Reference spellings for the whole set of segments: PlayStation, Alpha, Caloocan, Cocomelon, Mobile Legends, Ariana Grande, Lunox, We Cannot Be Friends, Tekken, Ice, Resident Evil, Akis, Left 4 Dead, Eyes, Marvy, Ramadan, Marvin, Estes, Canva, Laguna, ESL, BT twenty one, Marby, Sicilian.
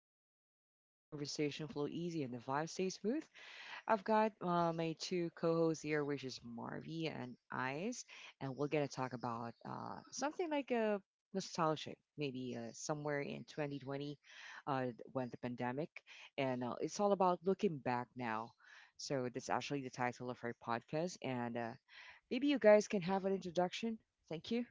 into a chill zone where conversation flow easy and the vibe stays smooth. I've got my two co-hosts here, which is Marvy and Ice, and we're gonna talk about something like a nostalgic, maybe somewhere in 2020 uh, when the pandemic, and it's all about looking back now. So that's actually the title of our podcast, and maybe you guys can have an introduction. Thank you.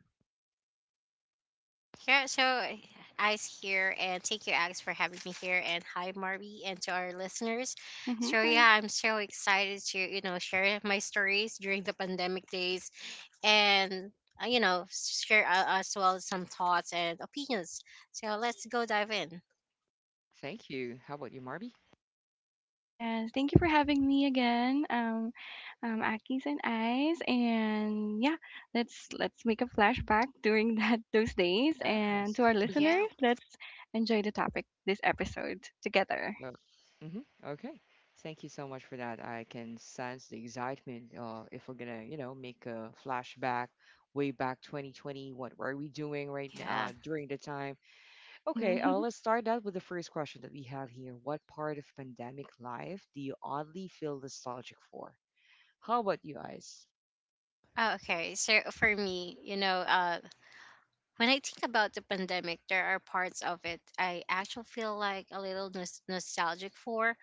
Yeah, so I's here, and thank you, Alex, for having me here, and hi, Marby, and to our listeners. Mm-hmm. So yeah, Right. I'm so excited to share my stories during the pandemic days, and share as well some thoughts and opinions. So let's go dive in. Thank you. How about you, Marvy? Yes. Thank you for having me again, Akis and Eyes, and yeah, let's make a flashback during that those days, and Yes. to our Yeah, listeners, let's enjoy the topic this episode together. Uh, mhm, okay. Thank you so much for that. I can sense the excitement. If we're gonna, you know, make a flashback way back 2020, what were we doing right now yeah. During the time? Okay, Mm-hmm. let's start out with the first question that we have here. What part of pandemic life do you oddly feel nostalgic for? How about you guys? Oh, okay, so for me, when I think about the pandemic, there are parts of it I actually feel like a little nostalgic for.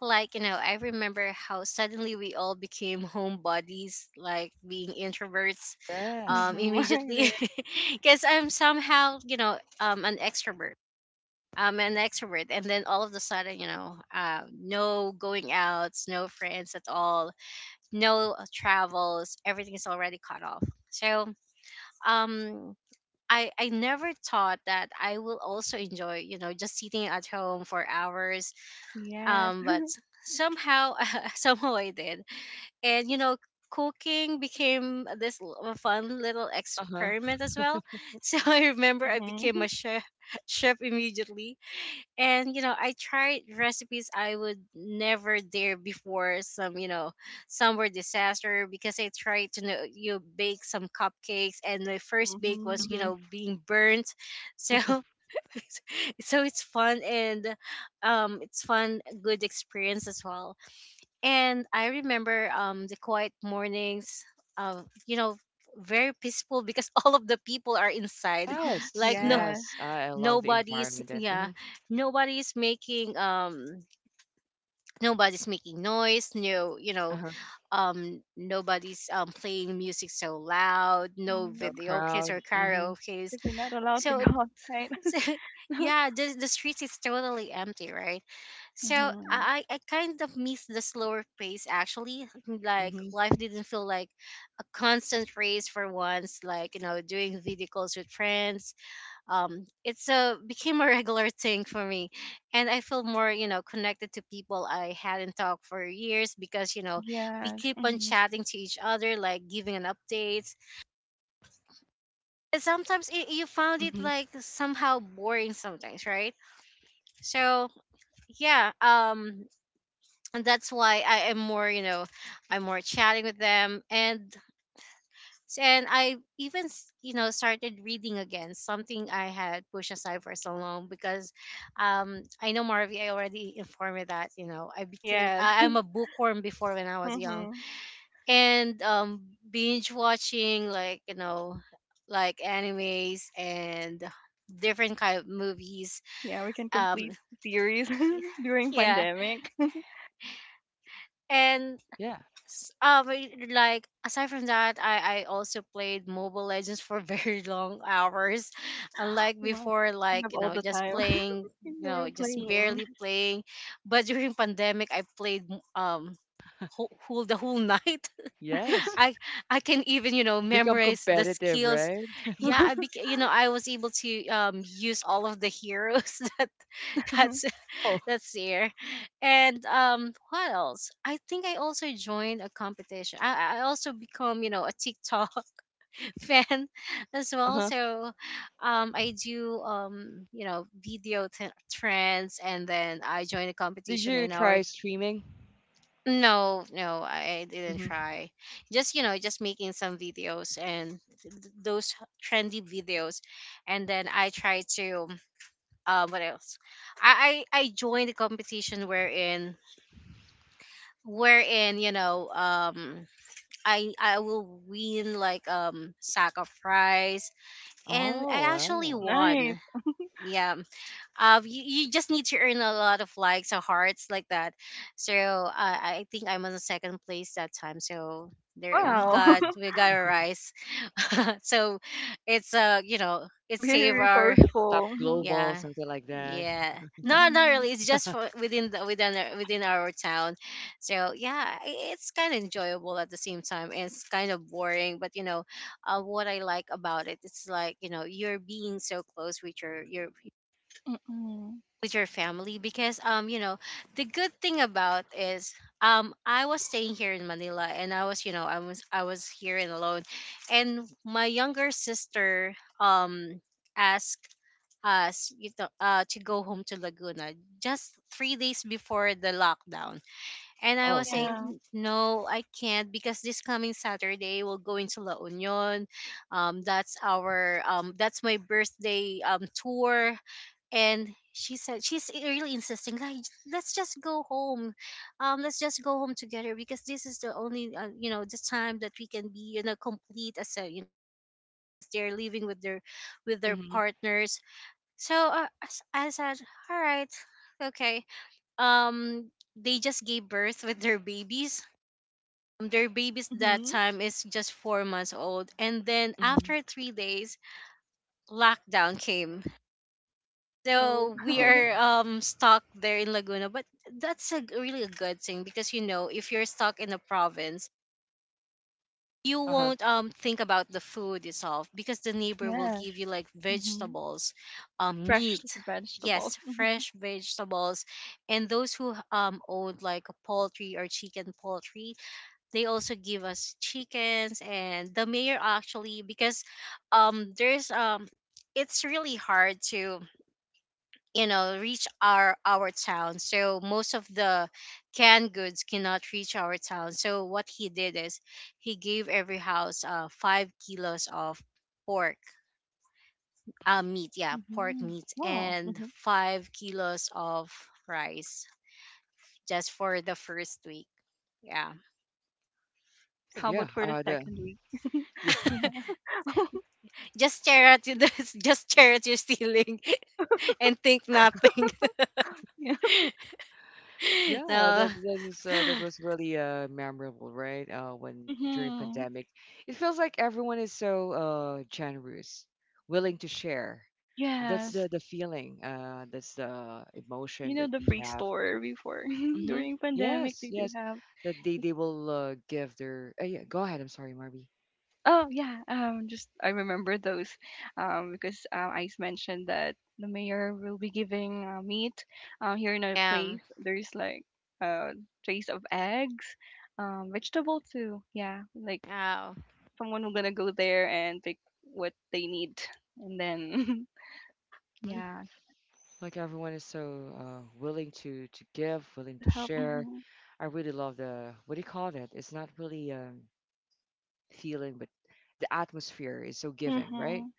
Like, you know, I remember how suddenly we all became homebodies, like being introverts, Yes. Mm-hmm. It immediately. is. Because I'm somehow, an extrovert. I'm an extrovert. And then all of a sudden, no going outs, no friends at all, no travels. Everything is already cut off. So, um, I never thought that I will also enjoy, you know, just sitting at home for hours, Yes. um, but somehow, somehow I did. And you know, cooking became a fun little Uh huh. experiment as well. So I remember I became Mm-hmm. a chef, chef immediately. And you know, I tried recipes I would never dare before. Some, you know, some were disaster because I tried to, know you, bake some cupcakes and my first bake was, Mm-hmm. you Hmm. know, being burnt. So so it's fun. And um, it's fun, good experience as well. And I remember the quiet mornings, uh you know very peaceful because all of the people are inside. Yes. Like no, Yes. Yes. I love the nobody's, environment and yeah, mhm, nobody's making, um, nobody's making noise. No, you know, uh huh. Nobody's, um, playing music so loud. No No Mm-hmm. Videos crowd. or Mm-hmm. karaoke's. Because you're not allowed to So, go outside. so yeah, the streets is totally empty, right? So Mm-hmm. I kind of miss the slower pace actually. Like Mm-hmm. life didn't feel like a constant race for once. Like you know, doing video calls with friends. It's a became a regular thing for me, and I feel more, you know, connected to people I hadn't talked for years because you know, we Yes. keep on Mm-hmm. chatting to each other, like giving an updates. And sometimes it, you found it Mm-hmm. like somehow boring sometimes, right? So yeah, and that's why I am more, you know, I'm more chatting with them, and I even started reading again, something I had pushed aside for so long because, I know Marvi, I already informed you that you know I became Yes. I'm a bookworm before when I was young, Mm-hmm. and binge watching, like you know, like animes and different kind of movies, Yeah, we can um, complete series during yeah, pandemic. and Yeah. But, like aside from that, I also played Mobile Legends for very long hours, unlike Wow, before, we like have you all know, the just time playing, in you the know, world just Mm. playing. barely playing. But during pandemic, I played, um, whole, whole the whole night. Yes. I can even, you know, Become memorize the competitive, skills. right? Yeah, I beca- you know I was able to use all of the heroes that that's Oh, that's year. And what else? I think I also joined a competition. I also become, you know, a TikTok fan as well. uh-huh. So I do, you know, video trends and then I joined a Did competition you in our. try streaming? No, no, I didn't Mm-hmm. try. Just, you know, just making some videos and those trendy videos. And then I try to, what else? I joined a competition wherein you know, um, I will win like sack of rice, and Oh, I actually wow. won. Nice. Yeah, um, you just need to earn a lot of likes or hearts like that. So I think I'm on the second place that time, so there we Wow. got, Wow. we got a rice. So it's, uh, you know, it saved Very our, Top resourceful. Mm-hmm. global, yeah. something like that. Yeah. No, not really. Mm-hmm. It's just for within within within our town. So yeah, it's kind of enjoyable at the same time, and it's kind of boring. But you know, what I like about it, it's like you know, you're being so close with your Mm-hmm. with your family because you know, the good thing about is I was staying here in Manila and I was, I was here and alone, and my younger sister, um, asked us, you know, to go home to Laguna just 3 days before the lockdown. And I Oh, was okay. Yeah. saying, no, I can't because this coming Saturday we'll go into La Union. That's our that's my birthday, tour. And she said she's really insisting, like let's just go home, um, let's just go home together because this is the only, you know, the time that we can be, you know, complete as a, you know, sisters because they're living with their Mm-hmm. partners. So I said, all right, okay. They just gave birth with their babies. Their babies that Mm-hmm. time is just 4 months old, and then Mm-hmm. after 3 days, lockdown came. So Oh, we Oh, okay. are stuck there in Laguna, but that's a really a good thing because you know if you're stuck in a province, you Uh-huh. won't think about the food itself because the neighbor will yes. give you like Mm-hmm. vegetables, um, Fresh meat, vegetable. yes, Mm-hmm. fresh vegetables. And those who own like a poultry or chicken poultry, they also give us chickens. And the mayor actually, because there's um, it's really hard to, you know, reach our town, so most of the canned goods cannot reach our town. So what he did is he gave every house 5 kilos of pork, uh, meat, yeah, pork Mm-hmm. meat, Wow. and Mm-hmm. 5 kilos of rice, just for the first week. Yeah, How Yeah. about for the The second week? yeah Yeah. just stare at you this, just stare at your ceiling and think nothing. Yeah. yeah So that that is that was really memorable, right? When during Mm-hmm. pandemic, it feels like everyone is so generous, willing to share. That's the Yes. Feeling. That's the You emotion know that the we free have. store before Mm-hmm. during pandemic Yes, they do yes. have. That they will give their. Yeah, go ahead. I'm sorry, Marby. Oh, yeah, just I remember those, because I mentioned that the mayor will be giving meat. Here in our yeah. place there's like uh trays of eggs, vegetable too, yeah, like Wow. someone will gonna go there and pick what they need. And then Hmm. yeah, Like everyone is so willing to give, willing to to help. share. I really love the what do you call that? It's not really feeling, but the atmosphere is so giving, right? hmm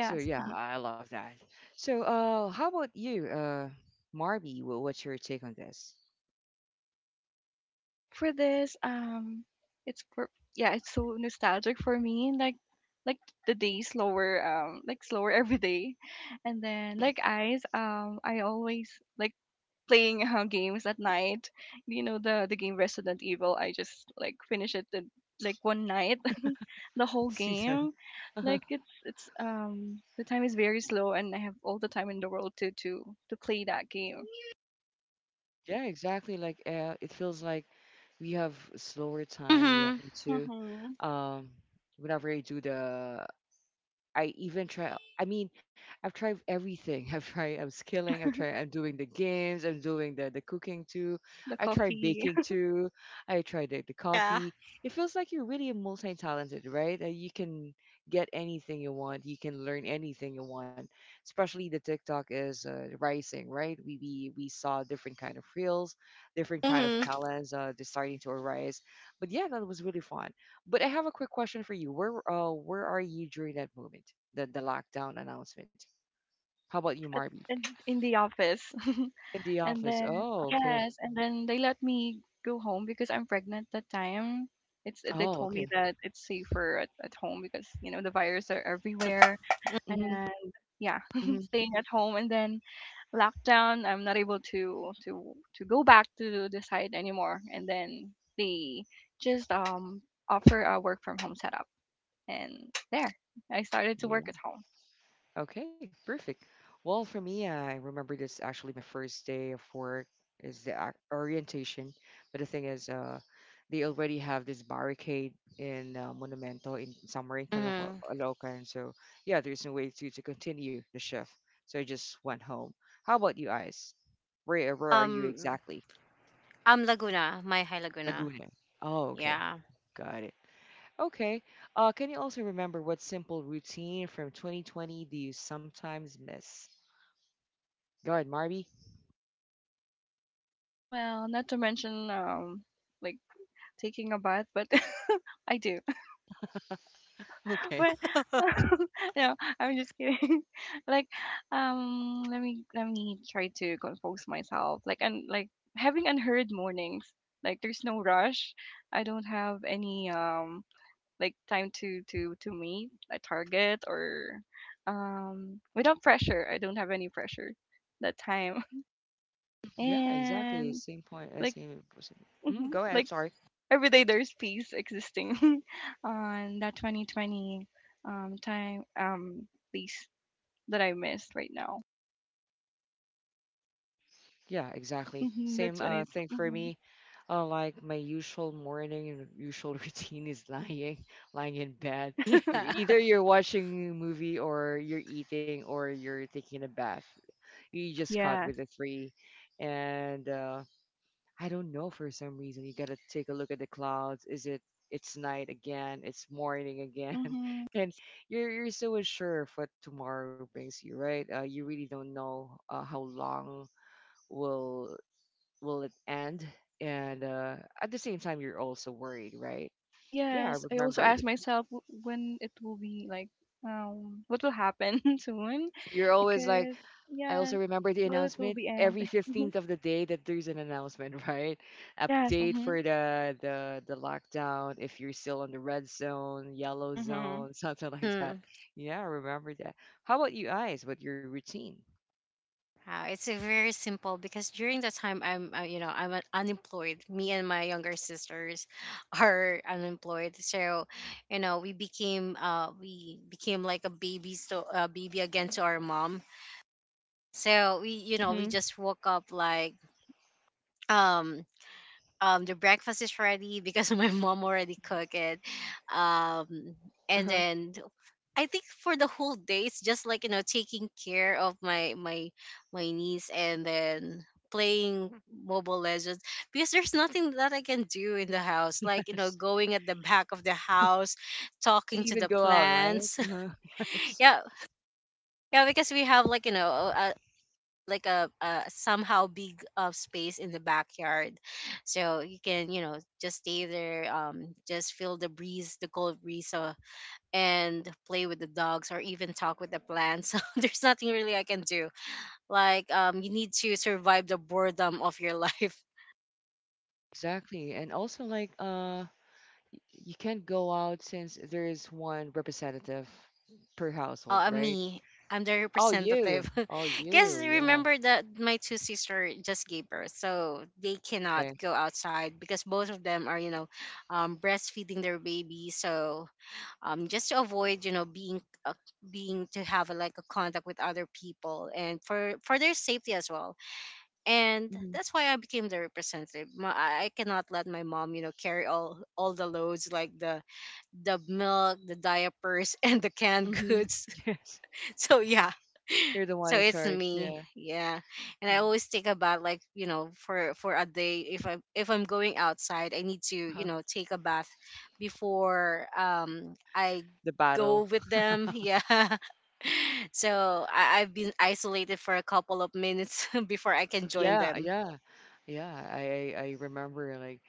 So yeah, I love that. So how about you, Marby? What's your take on this For this, it's for, yeah, it's so nostalgic for me. Like, like the day slower, like slower every day, and then like eyes, I always like playing games at night. You know the game Resident Evil. I just like finish it in, like, one night, the whole season? game. Like it's the time is very slow, and I have all the time in the world to to play that game. Yeah, exactly. Like it feels like we have slower time. Yeah, Mm-hmm. me too. Mm-hmm. Um, whenever I do the I even try. I mean, I've tried everything. I've tried. I'm skilling. I have tried. I'm doing the games. I'm doing the cooking too. The I tried coffee. baking too. I tried the Yeah. coffee. It feels like you're really multi talented, right? You can get anything you want. You can learn anything you want. Especially the TikTok is rising, right? We saw different kind of reels, different kind of Mm-hmm. talents just starting to arise. But yeah, that was really fun. But I have a quick question for you. Where are you during that moment? The lockdown announcement. How about you, at, Marby? In the office. In the And office. then Oh, okay. yes, and then they let me go home because I'm pregnant that time. It's, they Oh, told me okay. that it's safer at home because you know the virus are everywhere, and Mm-hmm. yeah, Mm-hmm. staying at home. And then lockdown, I'm not able to to go back to the site anymore, and then they just offer a work from home setup. And there I started to work at home. Okay, perfect. Well, for me, I remember this actually my first day of work is the orientation. But the thing is, they already have this barricade in Monumento in somewhere in Mm-hmm. Caloocan. So yeah, there's no way to continue the shift. So I just went home. How about you guys? Where are you Um, exactly? I'm Laguna, my high Laguna. Laguna. Oh, okay. Yeah, Got it. Okay. Can you also remember what simple routine from 2020 do you sometimes miss? Go ahead, Marby. Well, not to mention, like, taking a bath, but I do. Okay. But no, I'm just kidding. Like, let me try to compose myself. Like, and like having unheard mornings. Like, there's no rush. I don't have any like time to to meet a target, or without pressure. I don't have any pressure that time, Yeah, exactly. and Same point. Like, Same. Mm, mhm, go ahead. I'm like sorry. every day there's peace existing on that 2020 time, place that I missed right now. Yeah, exactly. Same That's when it. thing for Mhm. me. Like my usual morning and usual routine is lying in bed. Yeah. Either you're watching a movie or you're eating or you're taking a bath. You just caught Yes. with the three, and I don't know for some reason. You gotta take a look at the clouds. Is it it's night again, it's morning again. hmm And you're so unsure of what tomorrow brings you, right? You really don't know how long will will it end. And at the same time you're also worried, right? Yeah, I Yes. I also remember ask it. myself when it will be like, what will happen soon, You're always like because I yes, also remember the will be announcement end? every 15th of the day that there's an announcement, right? Yes. Update Mm-hmm. for the lockdown if you're still on the red zone, yellow Mm-hmm. zone, something like that. Mm. Yeah, I remember that. How about you guys? What your routine? Wow, it's a very simple because during the time I'm, you know, I'm unemployed. Me and my younger sisters are unemployed, so you know we became like a baby, so a baby again to our mom. So we, you know, we Hmm. just woke up like, um, um, the breakfast is ready because my mom already cooked it, um, and Uh-huh. then I think for the whole day it's just like, you know, taking care of my my niece, and then playing mobile legends because there's nothing that I can do in the house, like you know, Yes. going at the back of the house, Can talking to even the go out, right? plants. No. Yes. Yeah, yeah, because we have like, you know, like a somehow big, space in the backyard. So you can, you know, just stay there, um, just feel the breeze, the cold breeze, and play with the dogs or even talk with the plants. There's nothing really I can do, like um, you need to survive the boredom of your life. Exactly. And also like you can't go out since there is one representative per household, right? me, I'm the Oh, you. representative Oh, because you. Yeah. remember that my two sisters just gave birth, so they cannot Okay. go outside because both of them are, you know, breastfeeding their baby. So just to avoid, you know, being, being to have a, like a contact with other people and for their safety as well. And Mm-hmm. that's why I became the representative. I cannot let my mom, you know, carry all the loads, like the milk, the diapers, and the canned Mhm. goods. Yes. So yeah, You're the one so in it's charge. me, Yeah. yeah. And I Mm. always think about like, you know, for a day, if I, if I'm going outside, I need to, you Uh-huh. know, take a bath before I The go battle. with them, yeah. So I've been isolated for a couple of minutes before I can join Yeah, them. yeah. Yeah, I remember like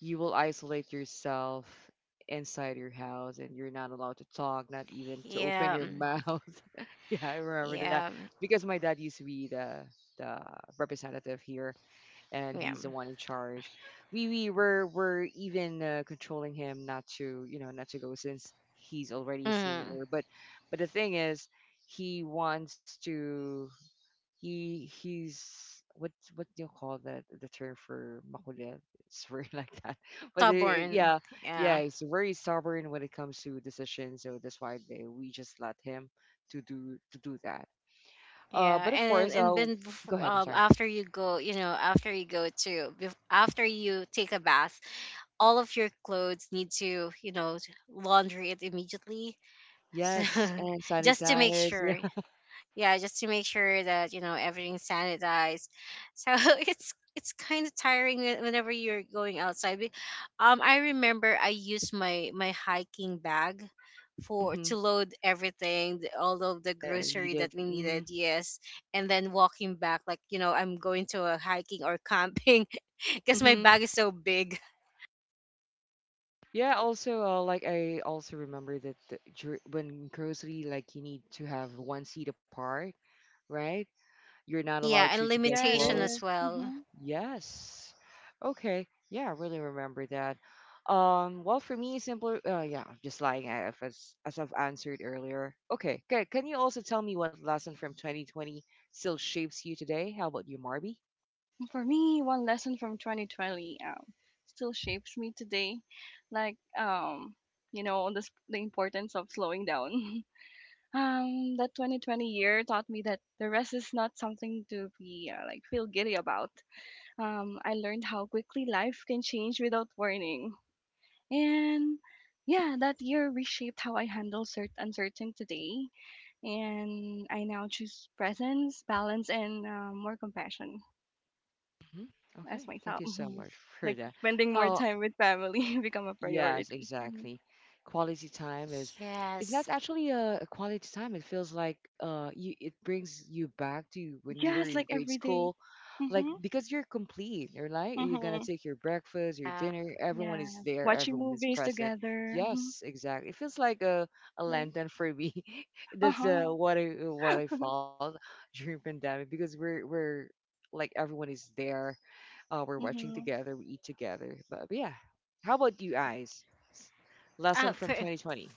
you will isolate yourself inside your house and you're not allowed to talk, not even to open Yeah, your mm, mouth. Yeah, I remember that yeah, because my dad used to be the the representative here and yeah, he's the one in charge. We were even controlling him not to you know not to go since he's already a mm, senior. But the thing is, he wants to he's what do you call that the term for makulit? It's very like that. But stubborn, yeah yeah. yeah he's very stubborn when it comes to decisions. So that's why they, we just let him to do that. Yeah, But of course, and then go ahead. I'm sorry. after you go, you know, after you go to after you take a bath, all of your clothes need to, you know, laundry it immediately, so, Yes, and just to make sanitize. Yeah. sure. Yeah, just to make sure that you know everything's sanitized. So it's kind of tiring whenever you're going outside. I remember I used my hiking bag for Mhm. to load everything, all of the That I grocery needed. that we Mhm. needed, yes. And then walking back like, you know, I'm going to a hiking or camping because my bag Mhm. is so big. Yeah. Also, like I also remember that the, when grocery, like you need to have one seat apart, right? You're not allowed Yeah, to and get Yeah, it limitation as is. close. well, Mm-hmm. Yes. Okay. Yeah, I really remember that. Well, for me, simpler. Yeah, just like I if as as I've answered earlier. Okay. Good. Can you also tell me what lesson from 2020 still shapes you today? How about you, Marby? For me, one lesson from 2020, still shapes me today, like, the importance of slowing down. That 2020 year taught me that the rest is not something to be, like, feel giddy about. I learned how quickly life can change without warning, and yeah, that year reshaped how I handle uncertainty today, and I now choose presence, balance, and, more compassion. Hmm. As Okay. Thank myself. you so Mhm. much for Like that. spending more How time with family become a Yes, priority. Mhm. exactly. Quality time is it's not yes. actually a quality time. It feels like you it brings you back to when you were Yes, in like grade every day. school. Like Mhm. because you're complete, you're like you're gonna Mhm. take your breakfast, your Uh, dinner, everyone is Yeah, there, watching everyone is movies present. together. Mhm. Yes, exactly. It feels like a Like, lantern for me. uh That's huh. What I felt during pandemic because we're like everyone is there we're watching Mhm. together, we eat together. But yeah, how about you guys? S- Lesson oh, from for, 2020.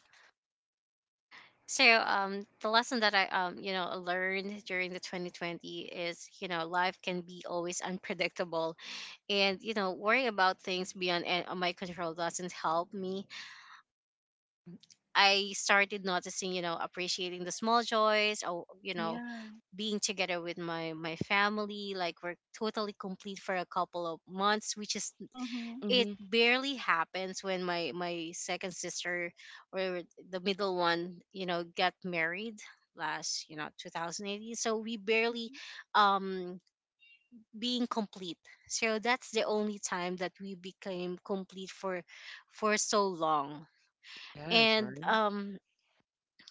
so the lesson that I, um, you know, learned during the 2020 is, you know, life can be always unpredictable. And you know worry about things beyond my control doesn't help me. I started noticing, appreciating the small joys or Yeah. being together with my family. Like, we're totally complete for a couple of months, which is— Mhm. it Hmm. barely happens when my second sister, or the middle one, got married last, 2018. So we barely um being complete. So that's the only time that we became complete for so long. Yes, And right.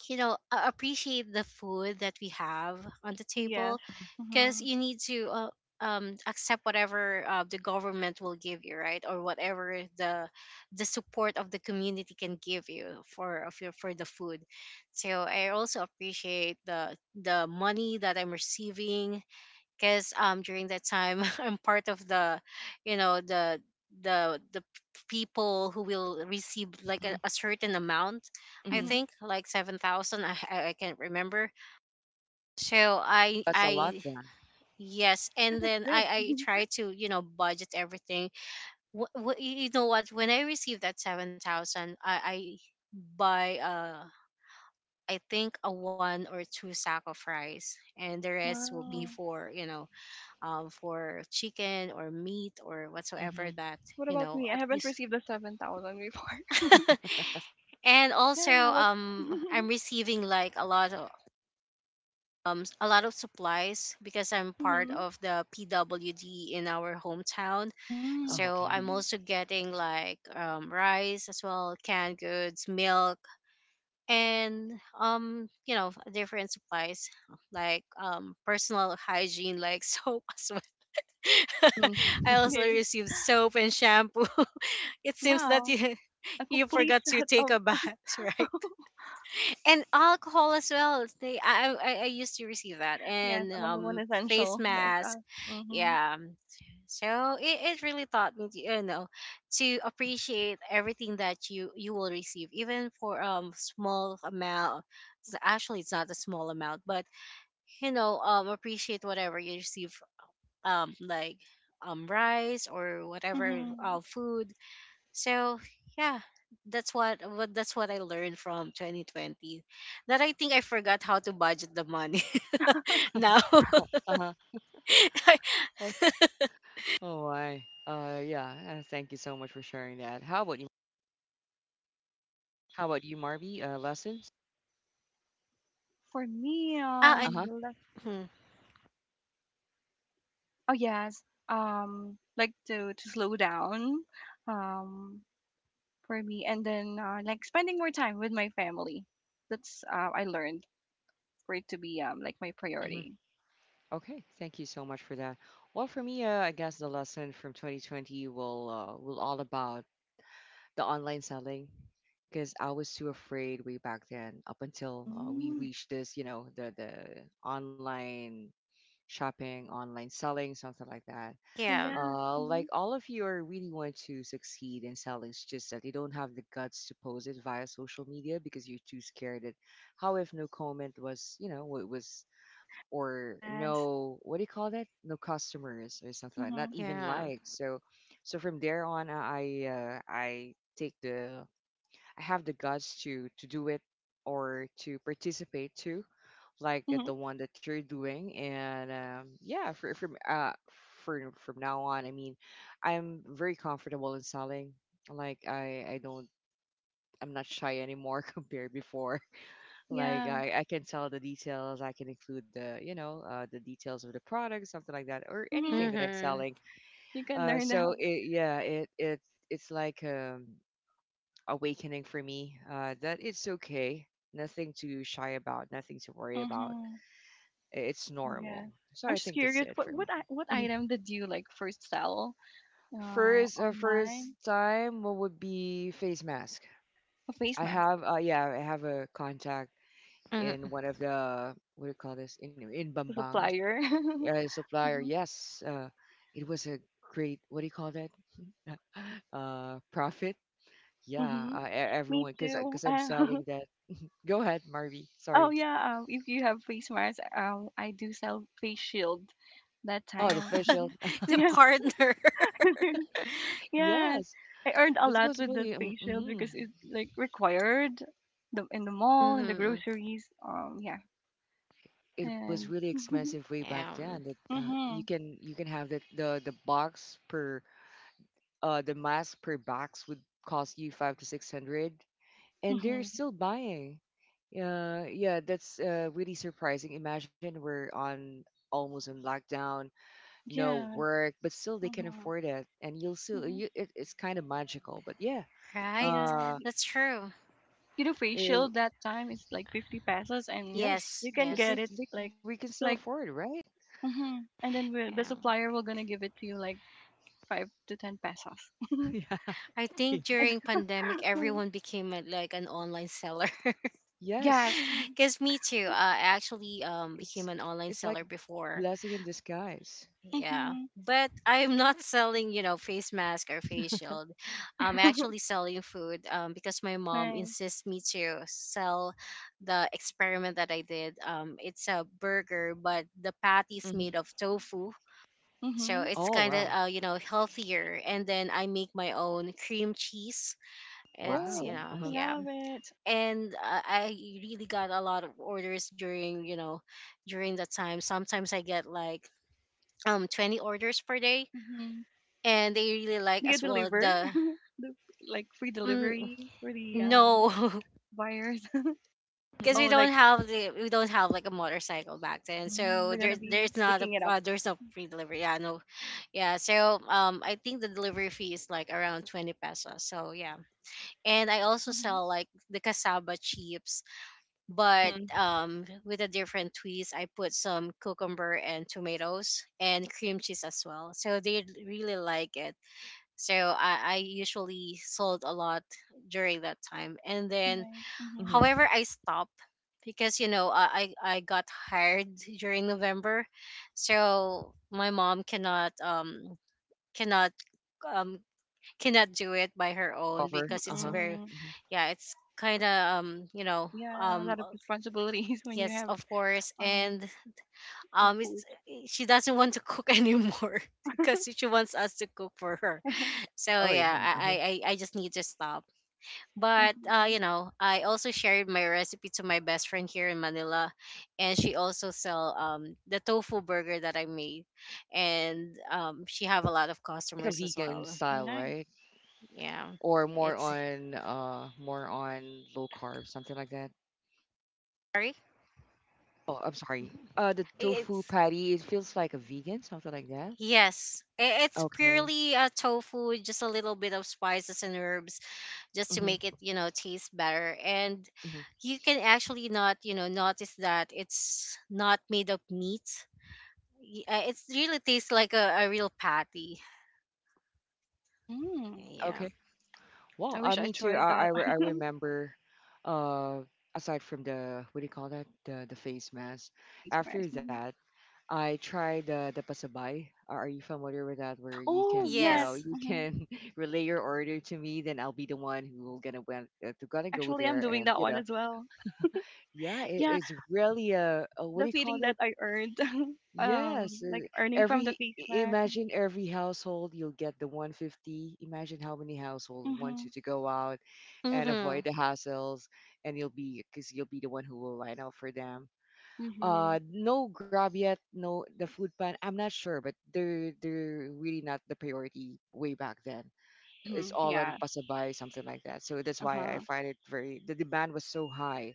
appreciate the food that we have on the Yes. table, because Mhm. you need to accept whatever the government will give you, right, or whatever the support of the community can give you for of your for the food. So I also appreciate the money that I'm receiving, because during that time I'm part of the, the the people who will receive like a certain amount. I Mm-hmm. Mhm. think like 7,000. I can't remember. So That's a lot I then. yes. Yeah, And that's then I big. I try to, budget everything. You know what, when I received that 7,000, I buy I think a one or two sack of rice, and the rest will Hmm. be Wow. for, for chicken or meat or whatsoever Hmm. that, What about me? I at haven't least. received the 7,000 before. And also, Yeah. What? I'm receiving like a lot of supplies because I'm part Mhm. of the PWD in our hometown. Oh, Mhm. So okay. Mm. I'm Mhm. also getting like rice as well, canned goods, milk, and different supplies, like personal hygiene, like soap as— I It Hmm. also is. received soap and shampoo. It seems that Wow. you A you complete forgot to set take of a bath, right? And alcohol as well. They, I used to receive that, yes, and number one face essential milk. mask. Mhm. Yeah. So it really taught me to, to appreciate everything that you will receive, even for small amount. Actually, it's not a small amount, but, appreciate whatever you receive, like rice or whatever Mhm. Food. So yeah, that's what I learned from 2020. That I think I forgot how to budget the money now. Uh-huh. I, Oh, oh, I. Yeah. Thank you so much for sharing that. How about you? How about you, Marby? Lessons? For me, ah, I, Uh-huh. Hmm, oh yes, like to slow down, um, for me, and then, like spending more time with my family. That's, I learned for it to be, like, my Mhm. priority. Okay, thank you so much for that. Well, for me, I guess the lesson from 2020 will all about the online selling because I was too afraid way back then. Up until we Mm. reached this, you know, the online shopping, online selling, something like that. Oh, yeah, yeah. Like Mhm. all of you are really want to succeed in selling. It's just that you don't have the guts to post it via social media because you're too scared. That how if no comment was, you know, what was or Yes. no what do you call that? No customers or something like Mhm. not even yeah. likes. So, so from there on, I take the I have the guts to do it or to participate too, like Mhm. the one that you're doing. And yeah, for from now on, I mean, I'm very comfortable in selling. Like I don't I'm not shy anymore compared before. Like Yeah. I can tell the details. I can include the you know the details of the product, something like that, or anything Mhm. that I'm Mm-hmm. selling. You can learn that. So yeah, it's like awakening for me that it's okay nothing to shy about nothing to worry about Mhm. it's normal Yeah. so I I'm think just that's it curious. for What me. what i- what Mhm. item did you like first sell? First Online, time what would be face mask a face I mask have yeah I have a contact in Hmm. one of the what do you call this in bambang supplier. Supplier yes it was a great what do you call that profit yeah hmm Me everyone too. because I'm selling that go ahead marvy Oh, sorry. yeah, if you have face masks, I do sell face shield. That Oh, the time, facial. The yes, partner. yes, Yes, I earned a it lot was with that really. Face shield Mhm. because it's like required the in the mall in the Mm-hmm. groceries. Yeah, It was and. really expensive way back Yeah. then. That Mm-hmm. You can have that the box per the mask per box would cost you five to six hundred, and they're Mm-hmm. still buying. Yeah, yeah, that's really surprising. Imagine we're on almost in lockdown, no Yeah. work, but still they can Mm-hmm. afford it, and you'll still Mm-hmm. It's kind of magical. But yeah, Right. Yeah. uh, That's true. You know, it, facial that time is like 50 pesos, and Yes, yes, you can but yes. Get it we like, can still like afford, right? mhm. And then we, Yeah. the supplier will gonna give it to you like 5 to 10 pesos. Yeah. I Yeah. think And, during pandemic, everyone became like an online seller. yes, Yes, 'Cause me too. I actually it's became an online it's like a seller before. blessing in disguise. Yeah, mm-hmm. but I'm not selling, face mask or face shield. I'm actually selling food. Because my mom Nice. insists me to sell the experiment that I did. It's a burger, but the patty is Hmm. made of tofu. So Mm-hmm. it's Oh kind of wow, healthier, and then I make my own cream cheese. It's wow. you Oh, Uh know I huh. Yeah. love it. And I really got a lot of orders during, during that time. Sometimes I get like 20 orders per day, Mm-hmm. and they really like Do you as well deliver? the— The- like, free um, delivery for the, no. buyers? Because Oh, we don't like, have the— we don't have like a motorcycle back then. mm, So they're gonna there's be there's not a picking it up. There's no free delivery. Yeah, no, yeah. So I think the delivery fee is like around 20 pesos. So yeah. And I also Mm-hmm. sell like the cassava chips, but Mm-hmm. With a different twist, I put some cucumber and tomatoes and cream cheese as well. So they really like it. So I usually sold a lot during that time. And then, Nice. Mm-hmm. Mm-hmm. however, I stopped because, I got hired during November. So my mom cannot cannot um cannot do it by her own Cover. because Uh it's huh. very— Mm-mm. Hmm. yeah, it's kind of um you know Yeah, a um lot of responsibilities when you yes, have, of course. um And the food. it's, she doesn't want to cook anymore because she wants us to cook for her. So Oh yeah. yeah. I, I, Uh-huh. I I just need to stop. But Mhm. I also shared my recipe to my best friend here in Manila, and she also sell the tofu burger that I made, and she have a lot of Like a customers as vegan well. style, Nice. right? Yeah, Or more it's on low carb, something like that. Sorry. Oh, I'm sorry. The tofu It's patty. It feels like a vegan, something like that. Yes, it's Okay. purely tofu, just a little bit of spices and herbs just to Mm-hmm. make it, taste better. And you can actually not, notice that it's not made of meat. It's really tastes like a real patty. Mm. Mm-hmm. Yeah. Well, I wish I me too. tried that. I remember, uh, aside from the what do you call that, the face mask. Face After mask. Mhm. that, I tried the pasabay. Are you familiar with that? Where you Oh, can, you yes. know, Yes. you Hmm. can relay your order to me, then I'll be the one who gonna went to gonna go Actually, I'm there, doing that one as well. yeah, Yeah, it's really a what the do you call feeling that that? I earned, Yes, like earning from the every face mask. imagine every household you'll get the 150. Imagine how many household want Mm-hmm. you to go out and Mm-hmm. avoid the hassles, and you'll be because you'll be the one who will line up for them. Mm-hmm. No grab yet, no the food pan. I'm not sure, but they're really not the priority way back then. Mm-hmm. It's all on Yeah. pasabay, something like that. So that's why I Uh-huh. find it very the demand was so high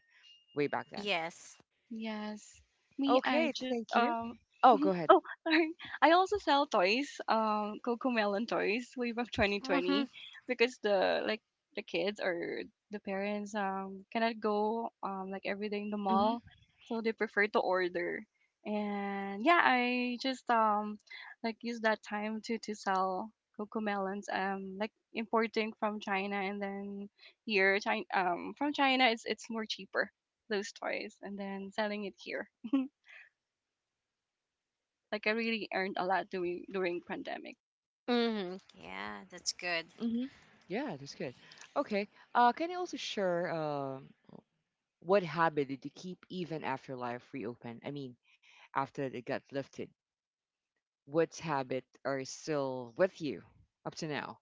way back then. Yes. Yes. Me, I Okay, just thank you. Oh, go ahead. oh, sorry. I also sell toys, Cocomelon toys way back 2020, Mm-hmm. because the like the kids or the parents cannot go like every day in the Mm-hmm. mall, so they prefer to order. And yeah, I just like use that time to sell Cocomelons, like, importing from China, and then here China, from China, it's more cheaper those toys, and then selling it here. Like, I really earned a lot doing during pandemic. Mm-hmm. Yeah, that's good. hmm Yeah, that's good. Okay. Can you also share what habit did you keep even after life reopened? I mean, after it got lifted, what habit are still with you up to now?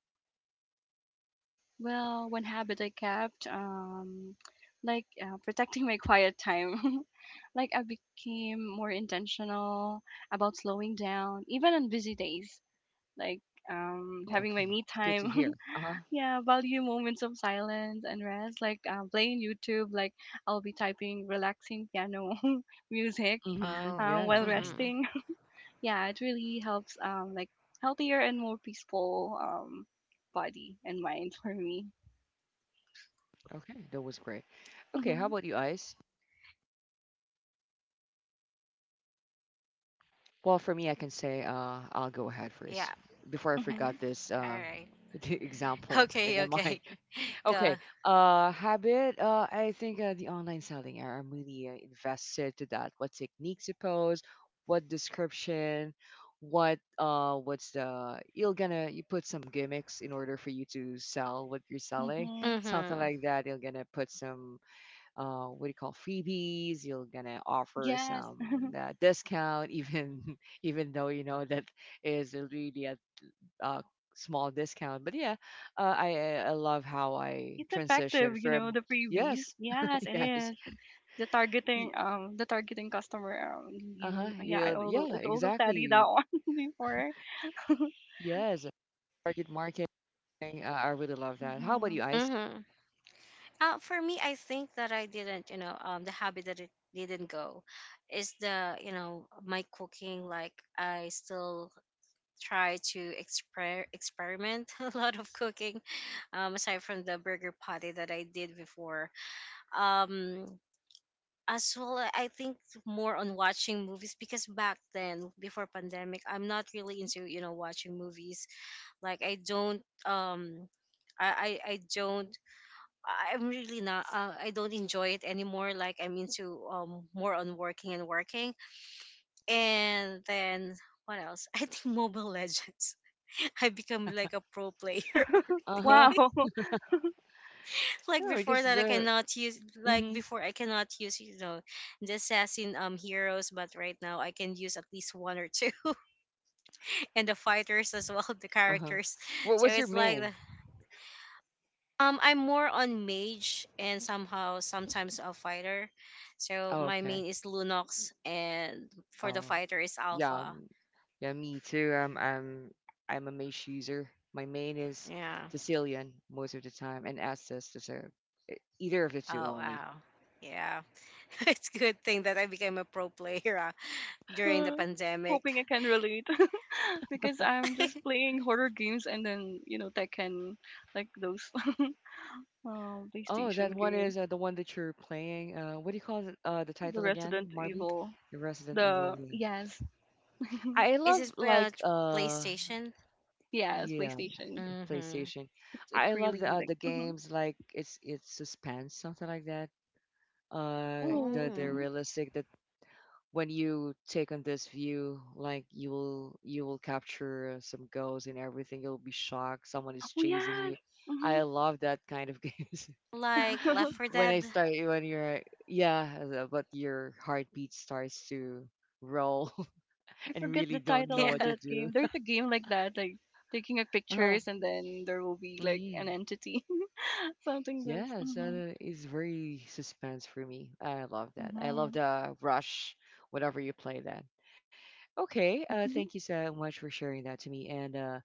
Well, one habit I kept, like, protecting my quiet time. Like, I became more intentional about slowing down, even on busy days. Like, Oh, having my okay. me It's good to time. hear. Uh-huh. Yeah, value moments of silence and rest. Like, playing YouTube. Like, I'll be typing relaxing piano music, Mm-hmm. Yeah. Oh. while hmm resting. Mm-hmm. Yeah, it really helps, like, healthier and more peaceful, body and mind for me. Okay. That was great. Okay. How Mhm. about you, Ice? Well, for me, I can say I'll go ahead Yeah. first before I Mhm. forgot this All right. the example in my Okay, mind. okay. Okay. Go. Habit. I think the online selling. I'm really invested to that. What techniques you post? What description? What's the? You're gonna you put some gimmicks in order for you to sell what you're selling. Mhm. Something Mm-hmm. like that. You're gonna put some What do you call freebies? You're gonna offer Yes. some discount, even even though you know that is really a uh, small discount. But yeah, I love how I It's effective, transitioned you from know, the freebies. yes, Yes, it yes, is. The targeting, the targeting customer, uh huh, you yeah, I yeah, also yeah, it's also studied exactly, that one before. yes, target marketing. I really love that. How about Mhm. you, Ice? Mm-hmm. For me, I think that I didn't, the habit that it didn't go is the, my cooking. Like, I still try to experiment a lot of cooking, aside from the burger patty that I did before. Um, as well, I think more on watching movies, because back then, before pandemic, I'm not really into, watching movies. Like I don't, I don't, I'm really not. I don't enjoy it anymore. Like, I'm into more on working and working, and then, what else? I think Mobile Legends. I become like a pro player. Uh huh. Wow. Like Yeah, before because that, I the cannot use. Like mm-hmm, before, I cannot use, the assassin heroes, but right now I can use at least one or two, and the fighters as well, the uh huh. characters. What So was your it's like— main? I'm more on mage, and somehow sometimes a fighter. So Oh, my okay. main is Lunox, and for the Oh, fighter is yeah, Alpha. Yeah, me too. I'm a mage user. My main is Yeah. Sicilian most of the time, and Estes is a either of the two Oh only. wow. Yeah. It's a good thing that I became a pro player during the pandemic. Hoping I can relate because I'm just playing horror games, and then, you know, Tekken, like those Oh, that PlayStation one games. is the one that you're playing. What do you call it? The The title again? Resident Marby? Evil. The Resident Evil. The Yeah. Yes, I Is love this like PlayStation? yes, Yeah, PlayStation. Mm-hmm. PlayStation. It's I it's love really like, the mm-hmm. games like it's suspense something like that. The Ooh, the Oh, mhm. realistic that when you take on this view, like you will capture some ghosts and everything. You'll be shocked. Someone is Oh, chasing yes. you. Hmm. I love that kind of games. like Left 4 When I Dead. start when you're Yeah, the- but your heartbeat starts to roll I and forget the really don't title know Yeah. of what to that do. game. There's a game like that, like taking a Uh-huh. pictures, and then there will be like Mm-hmm. an entity, something that's. Yeah, Mm-hmm. so it's very suspense for me. I love that. I love Mm-hmm. the rush whenever you play that. Okay, thank you so much for sharing that to me. And uh,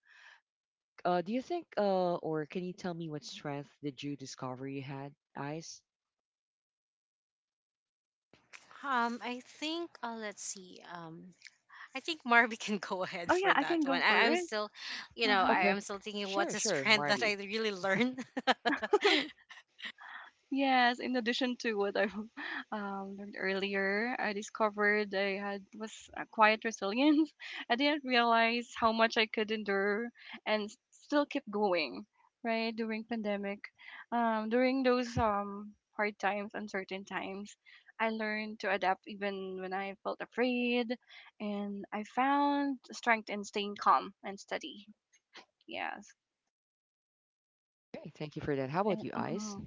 uh, do you think, or can you tell me what strength did you discover you had, Ice? I think let's see. I think Marby can go ahead Oh yeah, for I can that go one. I, for I'm it. still, you know, Uh I, Okay, I'm still thinking what's a sure, strand that I Marby. really learned. Yes, in addition to what I learned earlier, I discovered I had was a quiet resilience. I didn't realize how much I could endure and still keep going, right? During pandemic, during those hard times, uncertain times, I learned to adapt even when I felt afraid, and I found strength in staying calm and steady. Yes, Okay, thank you for that. How about and you, Ice? mm-hmm,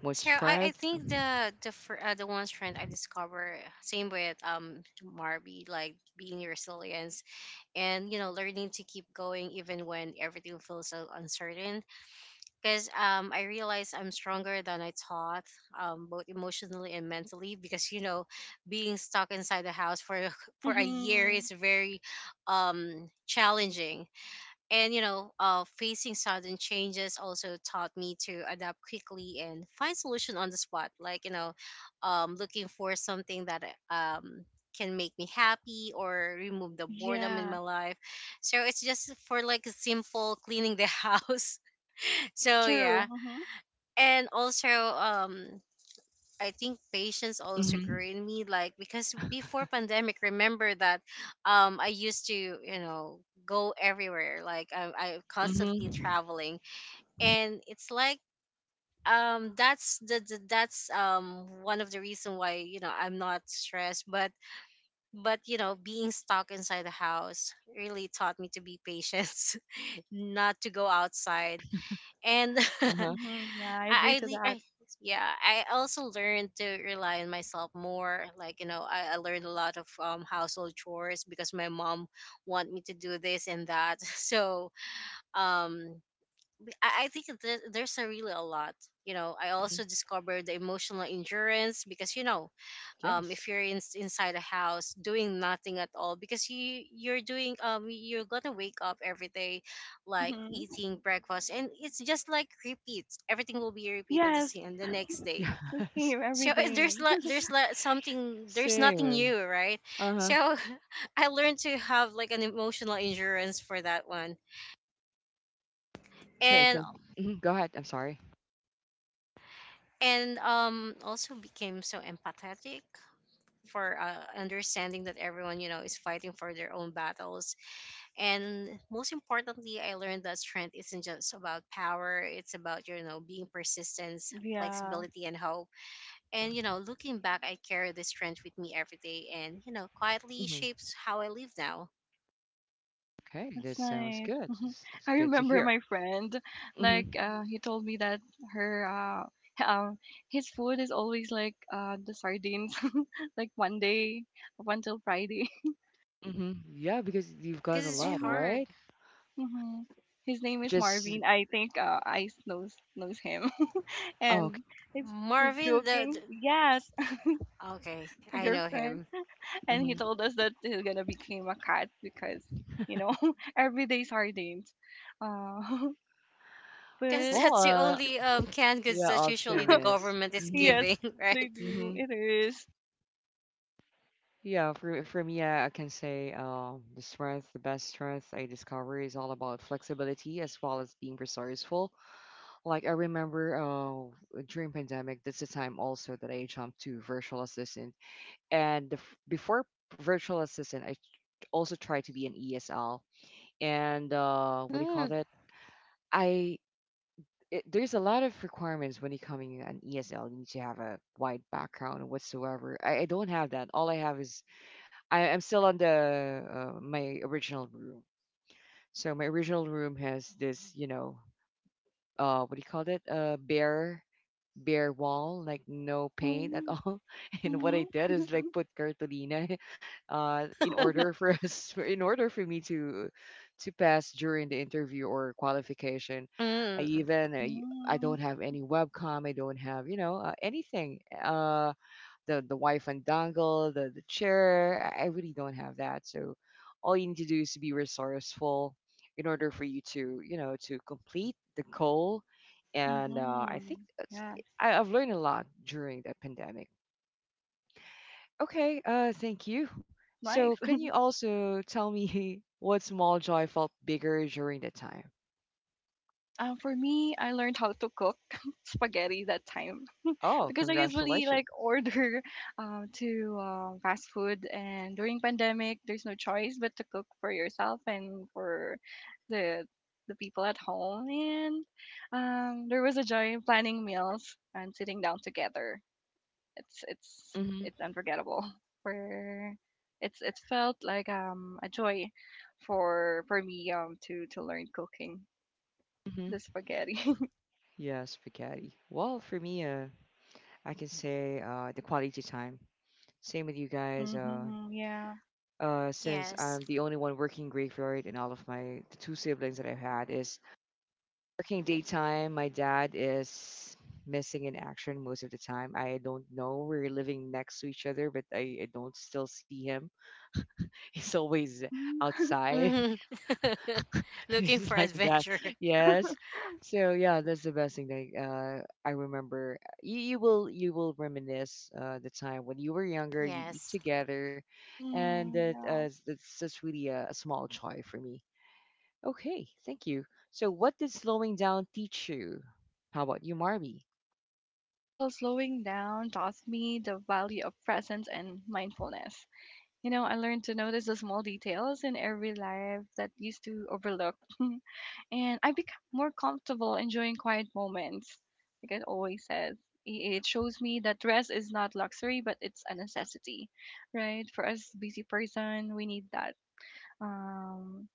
What So I strength? think the the one strand I discover, same with Marby, like being resilience. And, learning to keep going even when everything feels so uncertain. Because I realized I'm stronger than I thought, both emotionally and mentally. Because, being stuck inside the house for a year mm-hmm. is very challenging. And, facing sudden changes also taught me to adapt quickly and find solution on the spot. Like, looking for something that um, can make me happy or remove the boredom in Yeah, my life. So it's just for like a simple cleaning the house. that's So true. yeah. Mm-hmm. And also I think patience also grew Mhm, in me, like, because before pandemic, remember that I used to, go everywhere. Like I constantly mhm, traveling. And it's like that's one of the reason why, I'm not stressed. But— being stuck inside the house really taught me to be patient, not to go outside. And uh-huh, Mm-hmm. Yeah, I agree I, to le- that. I yeah, I also learned to rely on myself more, like, I learned a lot of household chores because my mom want me to do this and that. So um I think there's a really a lot. You know, I mhm, also discovered the emotional endurance because, if yes, you're inside a house doing nothing at all. Because you're doing you're gonna wake up every day, like Mm-hmm. eating breakfast, and it's just like repeats. Everything will be repeated the Yes, same the next day. the yes, same, So everything. S there's like something— there's nothing same, new, right? uh-huh, So I learned to have like an emotional endurance for that one. okay, And so mhm, go ahead, I'm sorry, also became so empathetic, for, understanding that everyone, is fighting for their own battles. And most importantly, I learned that strength isn't just about power. It's about, being persistence, Yeah, flexibility, and hope. And, looking back, I carry this strength with me every day, and, quietly mhm, shapes how I live now. okay, that's this sounds nice. good, it's I good to remember hear, my friend, like, mhm, he told me that her, h- um, his food is always like, the sardines, like one day up until Friday. mhm, yeah, because you've got Because a it's lot, Uh-huh. hard. right? Mm-hmm. His name is Just, Marvin. I think, Ice knows him, oh, and okay, it's he's Marvin, the joking. Yes, okay, a I know him. girlfriend. And he mhm, told us that he's gonna become a cat because, you know, every day sardines. Uh, Because but well, that's the only canned goods yeah, that usually option, the yes, government is mhm, yes, giving, right? they do. mhm, It is. yeah, for me, I can say, the strength, the best strength I discover is all about flexibility as well as being resourceful. Like I remember during pandemic, that's the time also that I jumped to virtual assistant. And the, before virtual assistant, I also tried to be an ESL. And what do you call Mm. that? I it, there's a lot of requirements when you coming an ESL. You need to have a wide background or whatsoever. I don't have that. All I have is I'm still on the my original room. So my original room has this, you know. What do you call it? Bare wall like no paint at Mhm, all and what mhm. I did is like put cartolina in order for in order for me to pass during the interview or qualification. i Mm. even i, I Mm, don't have any webcam. I don't have you know anything the wife undangle, the chair. I really don't have that. So all you need to do is to be resourceful in order for you to you know to complete the goal. And I think mhm. that's, Yes, I've learned a lot during that pandemic. Okay, thank you. that's So nice. can you also tell me what small joy felt bigger during the time? For me, I learned how to cook spaghetti that time. Oh, Because I usually congratulations. like order to, fast food, and during pandemic, there's no choice but to cook for yourself and for the the people at home. And there was a joy in planning meals and sitting down together. It's it's Mm hmm. it's unforgettable. For it's, it felt like a joy for me to learn cooking Mm the hmm. spaghetti. Yeah, spaghetti. Well, for me, I can say the quality time. Same with you guys. Hmm, yeah. Since Yes. I'm the only one working graveyard, and all of my the two siblings that I've had is working daytime. My dad is missing in action most of the time. I don't know. We're living next to each other, but I don't still see him. He's always Mm. outside. Mm. Looking It's for like that. adventure. Yes. So yeah, that's the best thing that I remember. You will reminisce the time when you were younger. You eat Yes. together, and Mm, that yeah. that's just really a small joy for me. Okay, thank you. So what did slowing down teach you? How about you, Marby? Well, slowing down taught me the value of presence and mindfulness. You know, I learned to notice the small details in every life that used to overlook. And I become more comfortable enjoying quiet moments. Like I always says, it shows me that rest is not luxury, but it's a necessity, right? For us busy person, we need that. Um,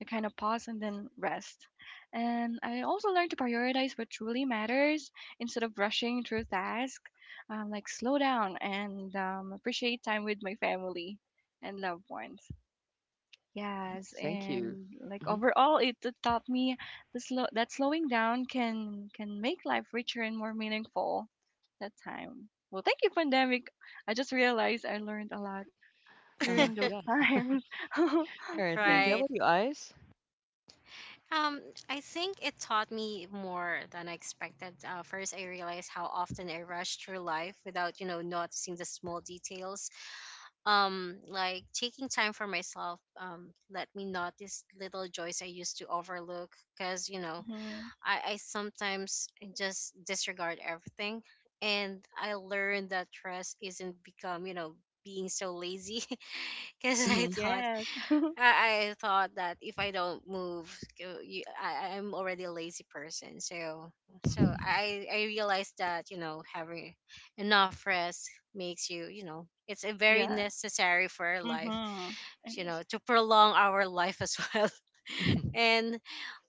to kind of pause and then rest. And I also learned to prioritize what truly matters instead of rushing through tasks, like slow down and, appreciate time with my family and loved ones. Yes, Thank you. and like Hmm overall, it taught me that slowing down can make life richer and more meaningful. That time. Well, thank you, pandemic. I just realized I learned a lot Uh huh. during those Yeah. times. All right. Thank you. How Mm-hmm. Right. about you, Ice? Um, I think it taught me more than I expected. First, I realized how often I rush through life without, noticing the small details. Like taking time for myself, let me notice little joys I used to overlook. 'Cause, I sometimes just disregard everything. And I learned that rest isn't become, being so lazy because I Hmm thought— Yes. I thought that if I don't move, I'm already a lazy person. So I realized that having enough rest makes you, you know it's a very Yeah. necessary for our life, Mhm. It is. to prolong our life as well. And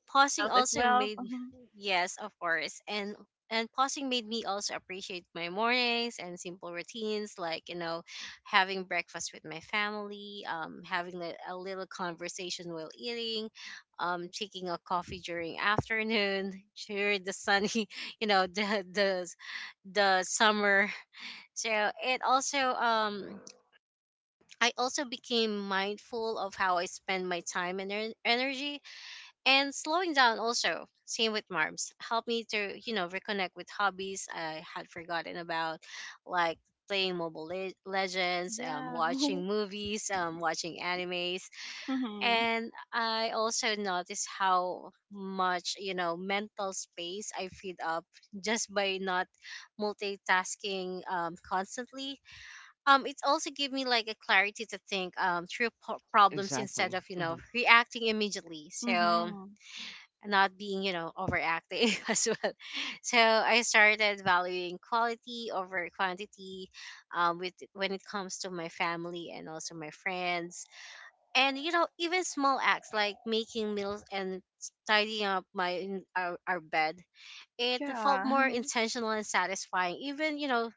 pausing Health is also wealth. made. Mhm. Yes, of course. And pausing made me also appreciate my mornings and simple routines, like having breakfast with my family, having a little conversation while eating, taking a coffee during afternoon during the sunny, you know the the the summer. So it also, I also became mindful of how I spend my time and energy. And slowing down, also same with Marms, helped me to reconnect with hobbies I had forgotten about, like playing mobile legends, Yeah. watching movies, watching animes. Mhm. And I also noticed how much, mental space I freed up just by not multitasking constantly. It also gave me like a clarity to think through problems Exactly. instead of hmm reacting immediately. So, Mhm. and not being, overacting, as well. So I started valuing quality over quantity, with when it comes to my family and also my friends. And even small acts like making meals and tidying up my our bed, it felt Yeah. more intentional and satisfying. Even, you know,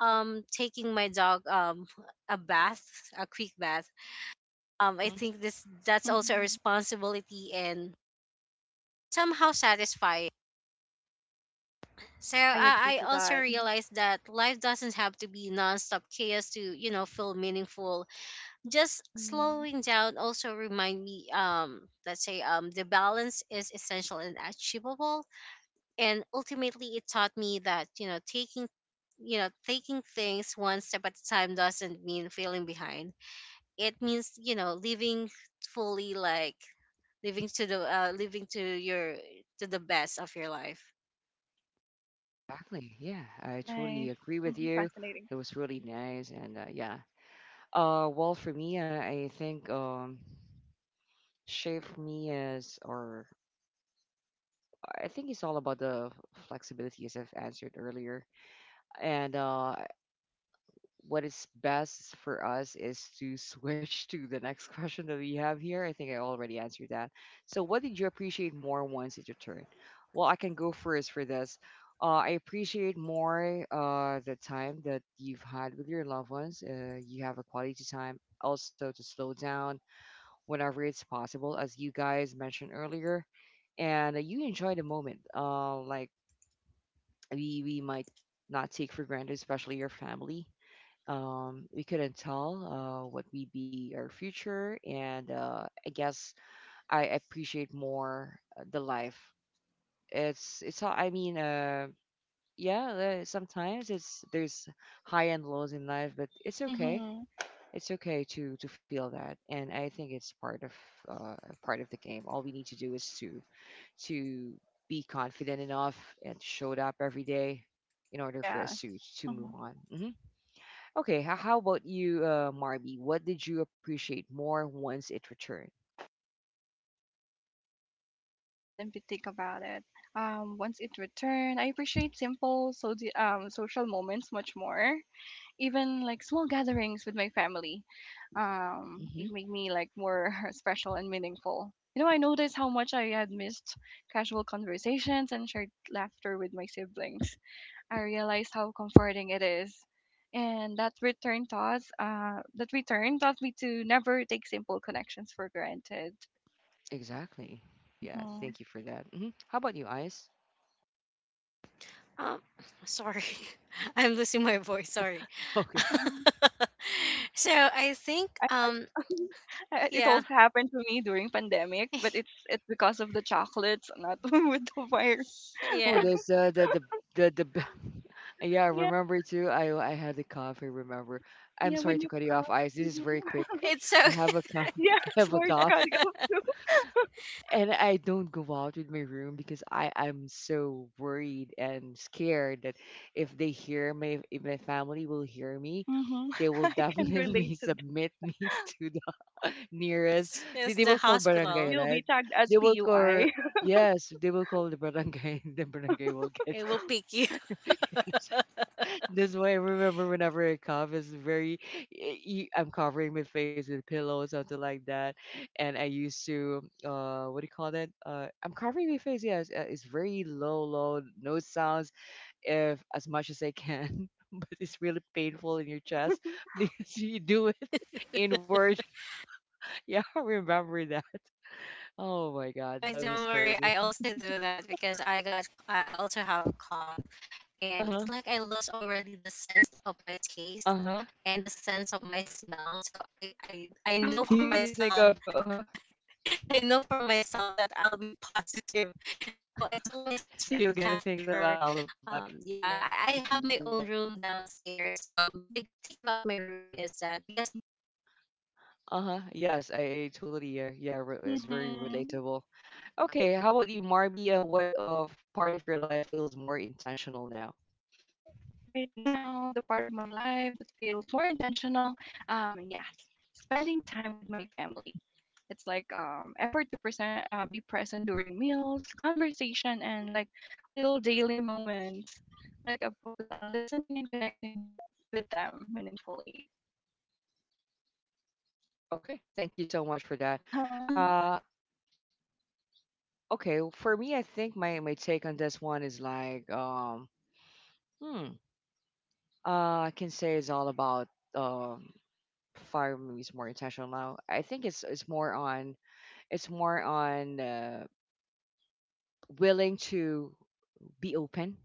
um, taking my dog, a bath, a quick bath. I think this that's also a Mhm. responsibility and somehow satisfying. So I agree I to also that. realized that life doesn't have to be nonstop chaos to, feel meaningful. Just Mhm. slowing down also remind me, let's say, the balance is essential and achievable. And ultimately, it taught me that, taking things one step at a time doesn't mean feeling behind. It means, living fully, like living to the living to your, to the best of your life. Exactly. Yeah, I totally Nice. agree with Mhm. you. Fascinating. It was really nice, and yeah. Well, for me, I think shape me as, or I think it's all about the flexibility, as I've answered earlier. And what is best for us is to switch to the next question that we have here. I think I already answered that. So, what did you appreciate more once it returned? Well, I can go first for this. I appreciate more the time that you've had with your loved ones. You have a quality time also to slow down whenever it's possible, as you guys mentioned earlier. And you enjoy the moment. Like, we might not take for granted, especially your family. We couldn't tell what we be our future and I guess I appreciate more the life. It's all I mean Yeah, sometimes it's there's high and lows in life, but it's okay. Mhm. It's okay to feel that, and I think it's uh, part of the game. All we need to do is to be confident enough and showed up every day in order for us Yes. To move Mhm. on. Mhm. Okay, how about you, Marby? What did you appreciate more once it returned? Let me think about it. Once it returned, I appreciate simple so the social moments much more, even like small gatherings with my family. Hmm It made me like more special and meaningful. You know, I noticed how much I had missed casual conversations and shared laughter with my siblings. I realized how comforting it is, and that return taught me to never take simple connections for granted. Exactly. Yeah, thank you for that. Hmm How about you, Ice? Um, sorry, I'm losing my voice. Sorry. Okay. Mm-hmm. So I think, I, it yeah. also happened to me during pandemic, but it's because of the chocolates, not with the virus. Oh, Yeah, there's the the the. b- Yeah, I remember too. I had a cough. I remember. I'm Yeah, sorry when to you cut you cut. off, Ice. This is Mhm. very quick. it's I so. have a cough. Yeah, I have it's a hard to cough. cut it off too. And I don't go out with my room because I am so worried and scared that if my family will hear me, Hmm. they will I can relate definitely to that. submit me to the nearest. They It's will the call barangay, hospital. You'll be right? tagged as They will call PUI. Yes, they will call the barangay. The barangay will get It will pick you. you. That's why I remember whenever I cough, it's very, I'm covering my face with pillows, something like that. And I used to, what do you call that? I'm covering my face, yes. It's very low, low, no sounds, if as much as I can. But it's really painful in your chest because you do it inward. Yeah, I remember that. Oh my God, I that was don't worry. crazy. I also do that because I got. I also have a cough, and it's Uh-huh. like I lost already the sense of my taste Uh-huh. and the sense of my smell. So I know for You Oh. need to think myself. of, uh-huh. I know for myself that I'll be positive. So I told my So sister, I you're gonna chatted think some her. alibi in Yeah, order for you I to have my cover own that. room downstairs. The good thing about my room is that because Uh-huh. Yes, I totally yeah. Yeah, it's very Hmm. relatable. Okay, how about you, Marby? What of part of your life feels more intentional now? Right now, the part of my life that feels more intentional, yes, spending time with my family. It's like effort to present, be present during meals, conversation, and like little daily moments. Like a focus on listening and connecting with them meaningfully. Okay, thank you so much for that. Uh-huh. Uh, okay, well, for me, I think my take on this one is like hmm, I can say it's all about um, fire movies more intentional now. I think it's more on it's more on willing to be open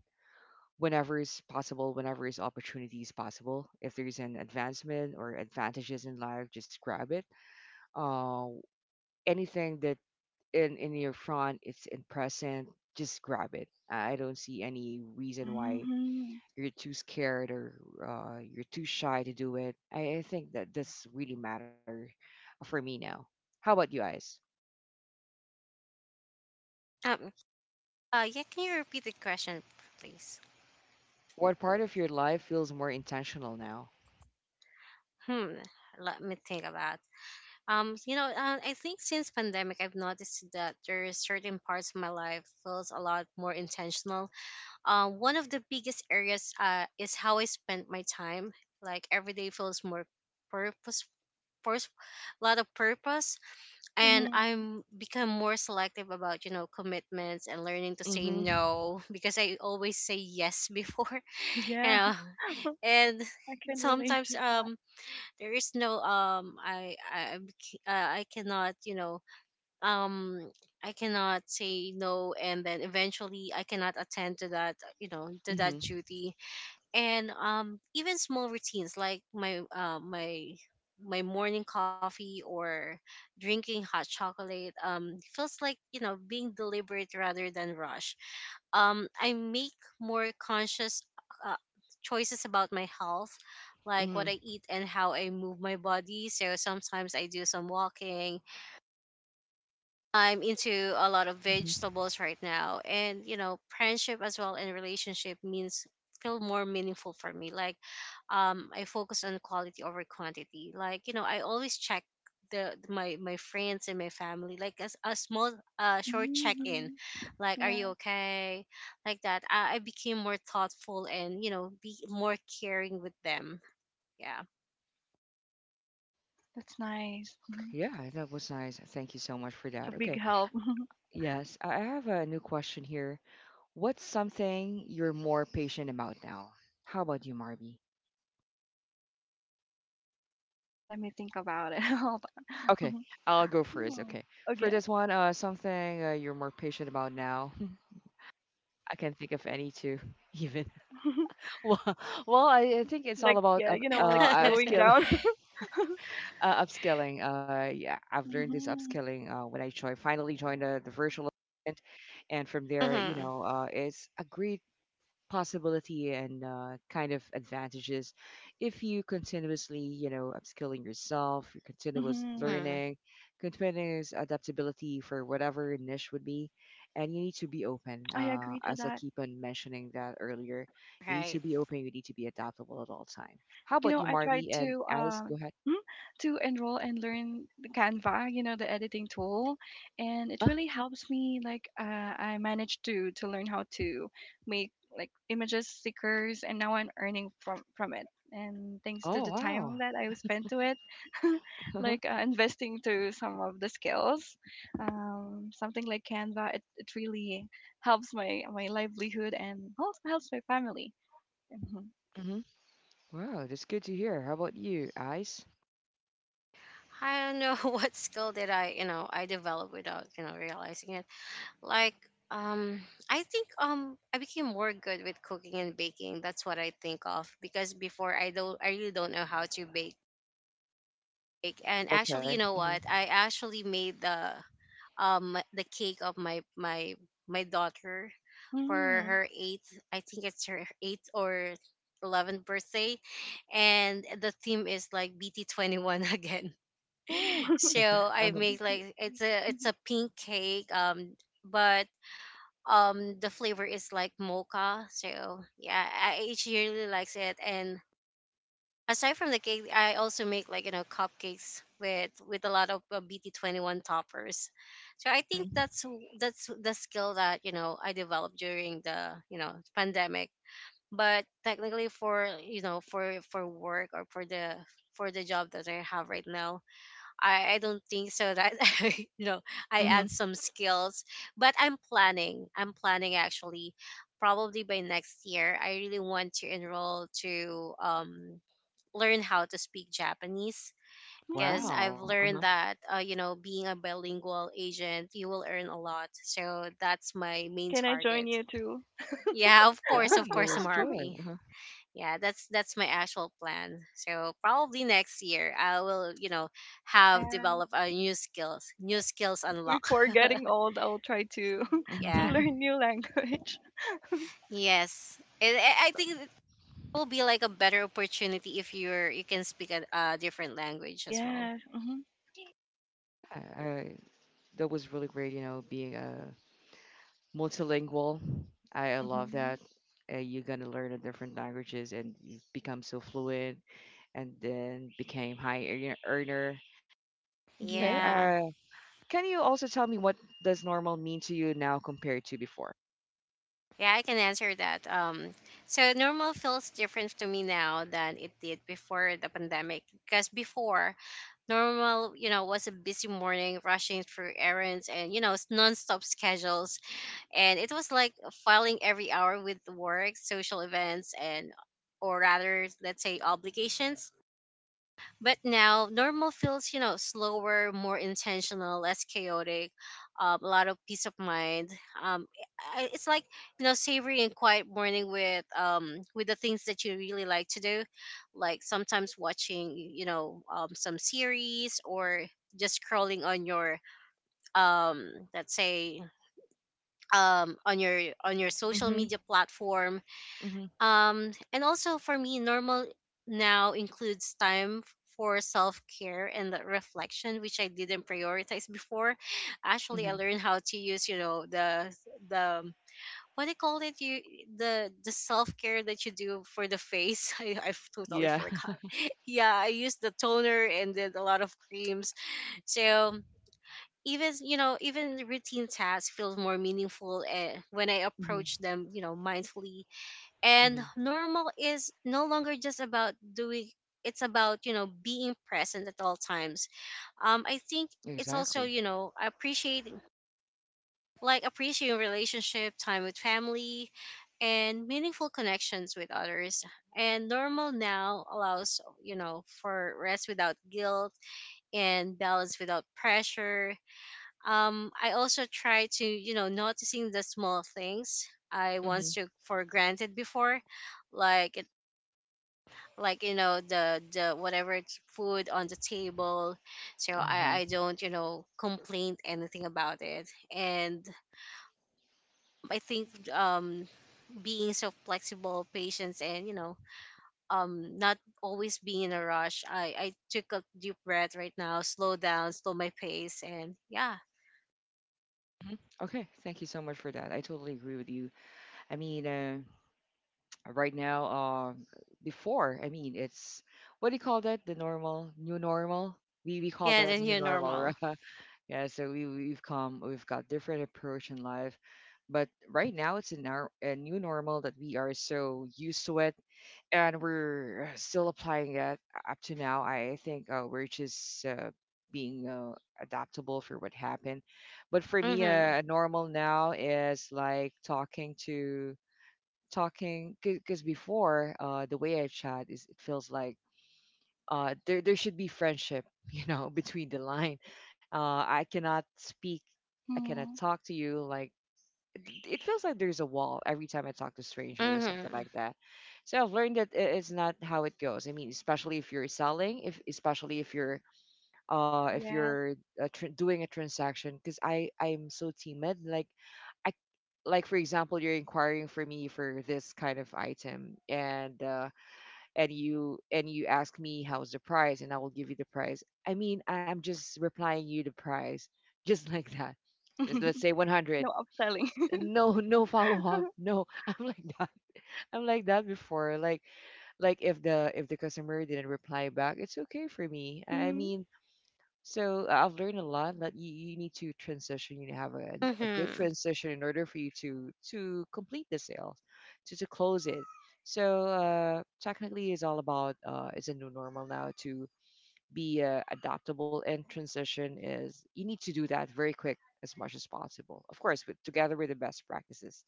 whenever is possible, whenever is opportunity is possible. If there's an advancement or advantages in life, just grab it. Uh, Anything that in your front, it's in present, just grab it. I don't see any reason why Hmm. you're too scared or you're too shy to do it. I think that this really matter for me now. How about you guys? um, yeah, can you repeat the question, please? What part of your life feels more intentional now? Hmm, let me think about. I think since pandemic, I've noticed that there is certain parts of my life feels a lot more intentional. One of the biggest areas is how I spend my time. Like every day feels more purposeful, first lot of purpose. And Mhm. I'm become more selective about, commitments, and learning to say Mm-hmm. no, because I always say yes before. you Yeah. know I and can relate sometimes, to that. There is no, I cannot, um I cannot say no, and then eventually I cannot attend to that, to that Mm-hmm. duty. And even small routines like my, my morning coffee or drinking hot chocolate, feels like, being deliberate rather than rush. I make more conscious uh, choices about my health, like what I eat and how I move my body. So sometimes I do some walking. I'm into a lot of Mm-hmm. vegetables right now. And, friendship as well and relationship means feel more meaningful for me. Like, I focus on quality over quantity. Like, I always check the my my friends and my family, like as a small, short check in, Mhm. like are you Yeah, okay, like that. I became more thoughtful and, be more caring with them. Yeah. that's nice. Mhm. Yeah, that was nice. Thank you so much for It's that. a Okay. big help. Yes, I have a new question here. What's something you're more patient about now? How about you, Marby? Let me think about it. Okay, I'll go first. Hmm. Okay. For Okay. this one, something you're more patient about now. I can't think of any two even. Well, well, I think it's Like all about yeah, you know, like slowing upskilling. down. Upskilling. Yeah, I've learned this Mhm. upskilling when I joined, finally joined the virtual event. And from there, you Hmm. know, it's a great possibility and kind of advantages if you continuously, you know, upskilling yourself, your continuous Mhm. Hmm. learning, continuous adaptability for whatever niche would be. And you need to be open, I agree to as I that. keep on mentioning that earlier. You need to Right. be open, you need to be adaptable at all time. How You about know, you, I tried Marby and to Ice, go ahead. hmm, to enroll and learn the Canva, you know, the editing tool, and uh, it really helps me. Like, I managed to learn how to make like images, stickers, and now I'm earning from it. And thanks to oh, the wow. time that I spent to it, like investing to some of the skills, something like Canva, it really helps my livelihood and also helps my family. Mhm. Hmm. Wow, that's good to hear. How about you, Ice? I don't know what skill did I, I developed without, realizing it. Like, um, I think, I became more good with cooking and baking. That's what I think of, because before I don't, I really don't know how to bake cake. And Okay, actually, you know mm-hmm. what? I actually made the, the cake of my daughter for Mm. her eighth. I think it's her eighth or 11th birthday, and the theme is like BT 21 again. Oh. I think. So Uh-huh. I make like it's a pink cake, but the flavor is like mocha. So yeah, I she really likes it. And aside from the cake, I also make like, cupcakes with, a lot of BT 21 toppers. So I think that's that's the skill that, I developed during the, pandemic. But technically, for, for work, or for the, job that I have right now, I don't think so that I know I add Mhm. some skills. But I'm planning. I'm planning actually probably by next year. I really want to enroll to, learn how to speak Japanese, because Hmm. I've Wow. learned that, being a bilingual agent, you will earn a lot. So that's my main Can I join target. you too? Yeah, Yeah, of it course, was good. Marby. Uh-huh. Yeah, that's my actual plan. So probably next year I will, have Yeah. develop a new skills, new skills unlock. Before getting old, I'll try to to Yeah. Mhm. learn new language. Yes, and I think it will be like a better opportunity if you can speak a different language as well. Yes. Mhm. I, I, that was really great, you know, being a multilingual. I love Mhm. that. You're gonna learn a different languages and you become so fluent and then became high earner. Earner. Okay, Yeah. Yeah. Can you also tell me what does normal mean to you now compared to before? Yeah, I can answer that. So normal feels different to me now than it did before the pandemic. Because before, normal, was a busy morning, rushing through errands and, non schedules, and it was like filing every hour with work, social events, and, or rather, let's say, obligations. But now normal feels, slower, more intentional, less chaotic, a lot of peace of mind. Um, it's like, savory and quiet morning with, with the things that you really like to do, like sometimes watching, some series, or just scrolling on your, um, let's say on your social Mm-hmm, media platform. mm-hmm, And also for me, normal now includes time for self care and the reflection, which I didn't prioritize before. Actually, I mm-hmm. learned how to use, you know, the what do you call it? You the self care that you do for the face. I totally Yeah. forgot. Yeah, I used the toner and did a lot of creams. So, even you know even routine tasks feel more meaningful, when I Mm-hmm, approach them, mindfully. And mm-hmm. normal is no longer just about doing. It's about, being present at all times. I think it's also, Exactly. Appreciating, like appreciating relationship time with family and meaningful connections with others. And normal now allows, for rest without guilt and balance without pressure. I also try to, noticing the small things I Mm-hmm. once took for granted before, like, the whatever it's food on the table. So Uh-huh. I don't, complain anything about it. And I think, being so flexible, patience, and, not always being in a rush. I took a deep breath right now, slow down, slow my pace, and yeah. Mhm. Okay, thank you so much for that. I totally agree with you. I mean, right now, before, I mean, it's what do you call that, the normal, new normal? We call Yeah, that then new you're normal, right? normal. Yeah, so we've come we've got different approach in life, but right now it's in our a new normal that we are so used to it, and we're still applying it up to now. I think we're just being adaptable for what happened. But for me, Mm-hmm. Normal now is like talking because before, the way I chat is it feels like there should be friendship you know between the line. I cannot speak, I cannot Mm. talk to you like it feels like there's a wall every time I talk to stranger or something Mm-hmm. like that. So I've learned that it's not how it goes. I mean, especially if you're selling, if especially if you're uh if Yes. you're doing a transaction because I'm so timid. Like, I like, for example, you're inquiring for me for this kind of item, and and you ask me how's the price, and I will give you the price. I mean, I'm just replying you the price just like that. Just let's say 100, No upselling. no follow up, no. I'm like that. I'm like that before. Like if the customer didn't reply back, it's okay for me. I Mm. mean, so I- I've learned a lot that you need to transition. You have a good Mm-hmm. transition in order for you to complete the sale, to close it. So technically, it's all about it's a new normal now to be adaptable, and transition is you need to do that very quick as much as possible. Of course, with together with the best practices.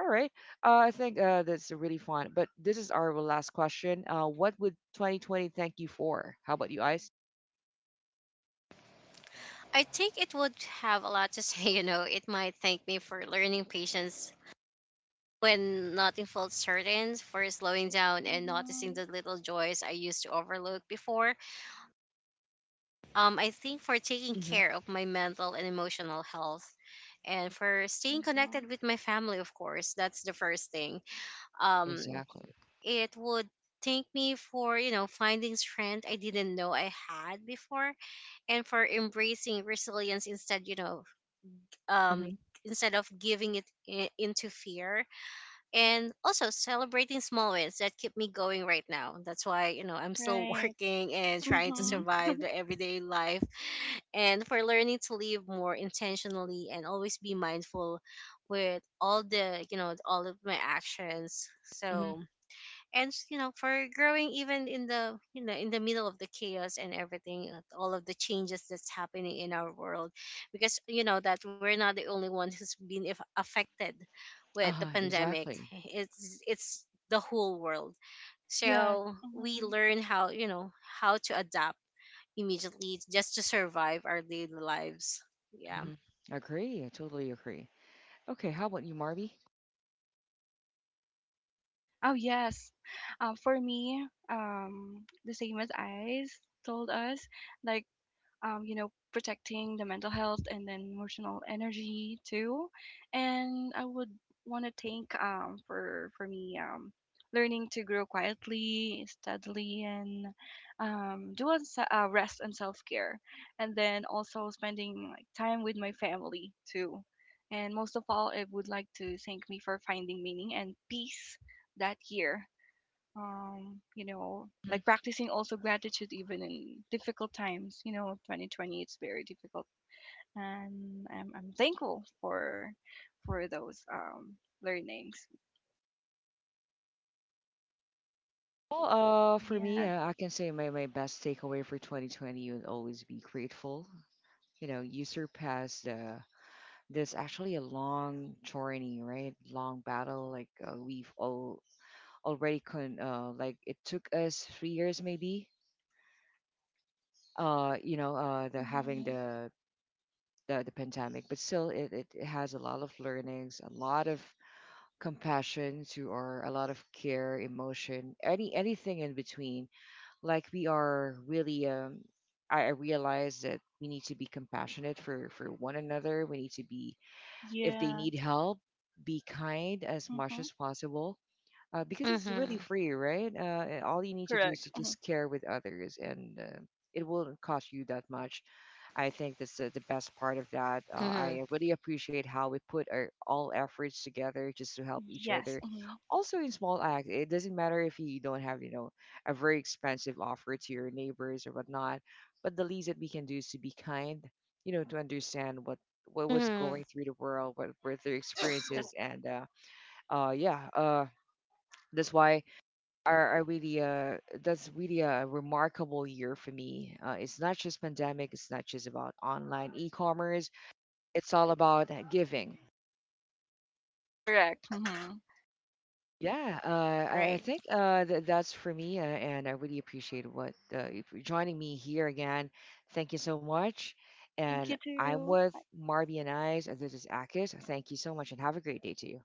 All right, I think that's really fun. But this is our last question. What would 2020 thank you for? How about you, Ice? I think it would have a lot to say, It might thank me for learning patience when nothing felt certain, for slowing down and noticing Mhm. the little joys I used to overlook before. I think for taking Hmm. care of my mental and emotional health, and for staying connected Mhm. with my family, of course, that's the first thing. Um, Exactly. it would thank me for, finding strength I didn't know I had before, and for embracing resilience instead, um instead of giving it into fear, and also celebrating small wins that keep me going right now. That's why, I'm still Right. working and trying to Mhm. Hmm. survive the everyday life, and for learning to live more intentionally and always be mindful with all the, all of my actions. Hmm. So, and for growing, even in the, middle of the chaos and everything, all of the changes that's happening in our world, because, that we're not the only one who's been if affected with the Uh-huh, pandemic. exactly. It's the whole world, Yes. so we Mhm. learn how, how to adapt immediately just to survive our daily lives. Yeah. Hmm. Agree. I totally agree. Okay, how about you, Marby? Oh, yes. For me, the same as Ice told us, like you know, protecting the mental health and then emotional energy too. And I would want to thank for me learning to grow quietly, steadily, and do a rest and self care, and then also spending like time with my family too. And most of all, I would like to thank me for finding meaning and peace that year, you know, Mhm. like practicing also gratitude even in difficult times. You know, 2020, it's very difficult, and I'm thankful for those learnings. Well, for me, Yeah. I can say my, my best takeaway for 2020 would always be grateful. You know, you surpassed this actually a long journey, right? Long battle. Like, we've all already con like, it took us 3 years maybe. You know, uh, the having Mm-hmm. the the pandemic, but still, it has a lot of learnings, a lot of compassion to our a lot of care, emotion, anything in between. Like, we are really I realize that we need to be compassionate for one another. We need to be, if they Yeah. need help, be kind as much Mm-hmm. as possible. Because it's really Mm-hmm. free, right? And all you need to do is Correct. to Hmm. just care with others, and it won't cost you that much. I think that's the best part of that. Mm-hmm. I really appreciate how we put our all efforts together just to help each Yes. other. Hmm. Also, in small acts, it doesn't matter if you don't have, you know, a very expensive offer to your neighbors or whatnot, but the least that we can do is to be kind, you know, to understand what was Mm-hmm. going through the world, what were their experiences, and yeah, that's why are really a that's really a remarkable year for me. It's not just pandemic. It's not just about online e-commerce. It's all about giving. Correct. Hmm. Yeah, I Right. think that's for me, and I really appreciate what you for joining me here again. Thank you so much. Thank you And I'm too. with Marby and Eyes, and this is Akis. Thank you so much, and have a great day to you.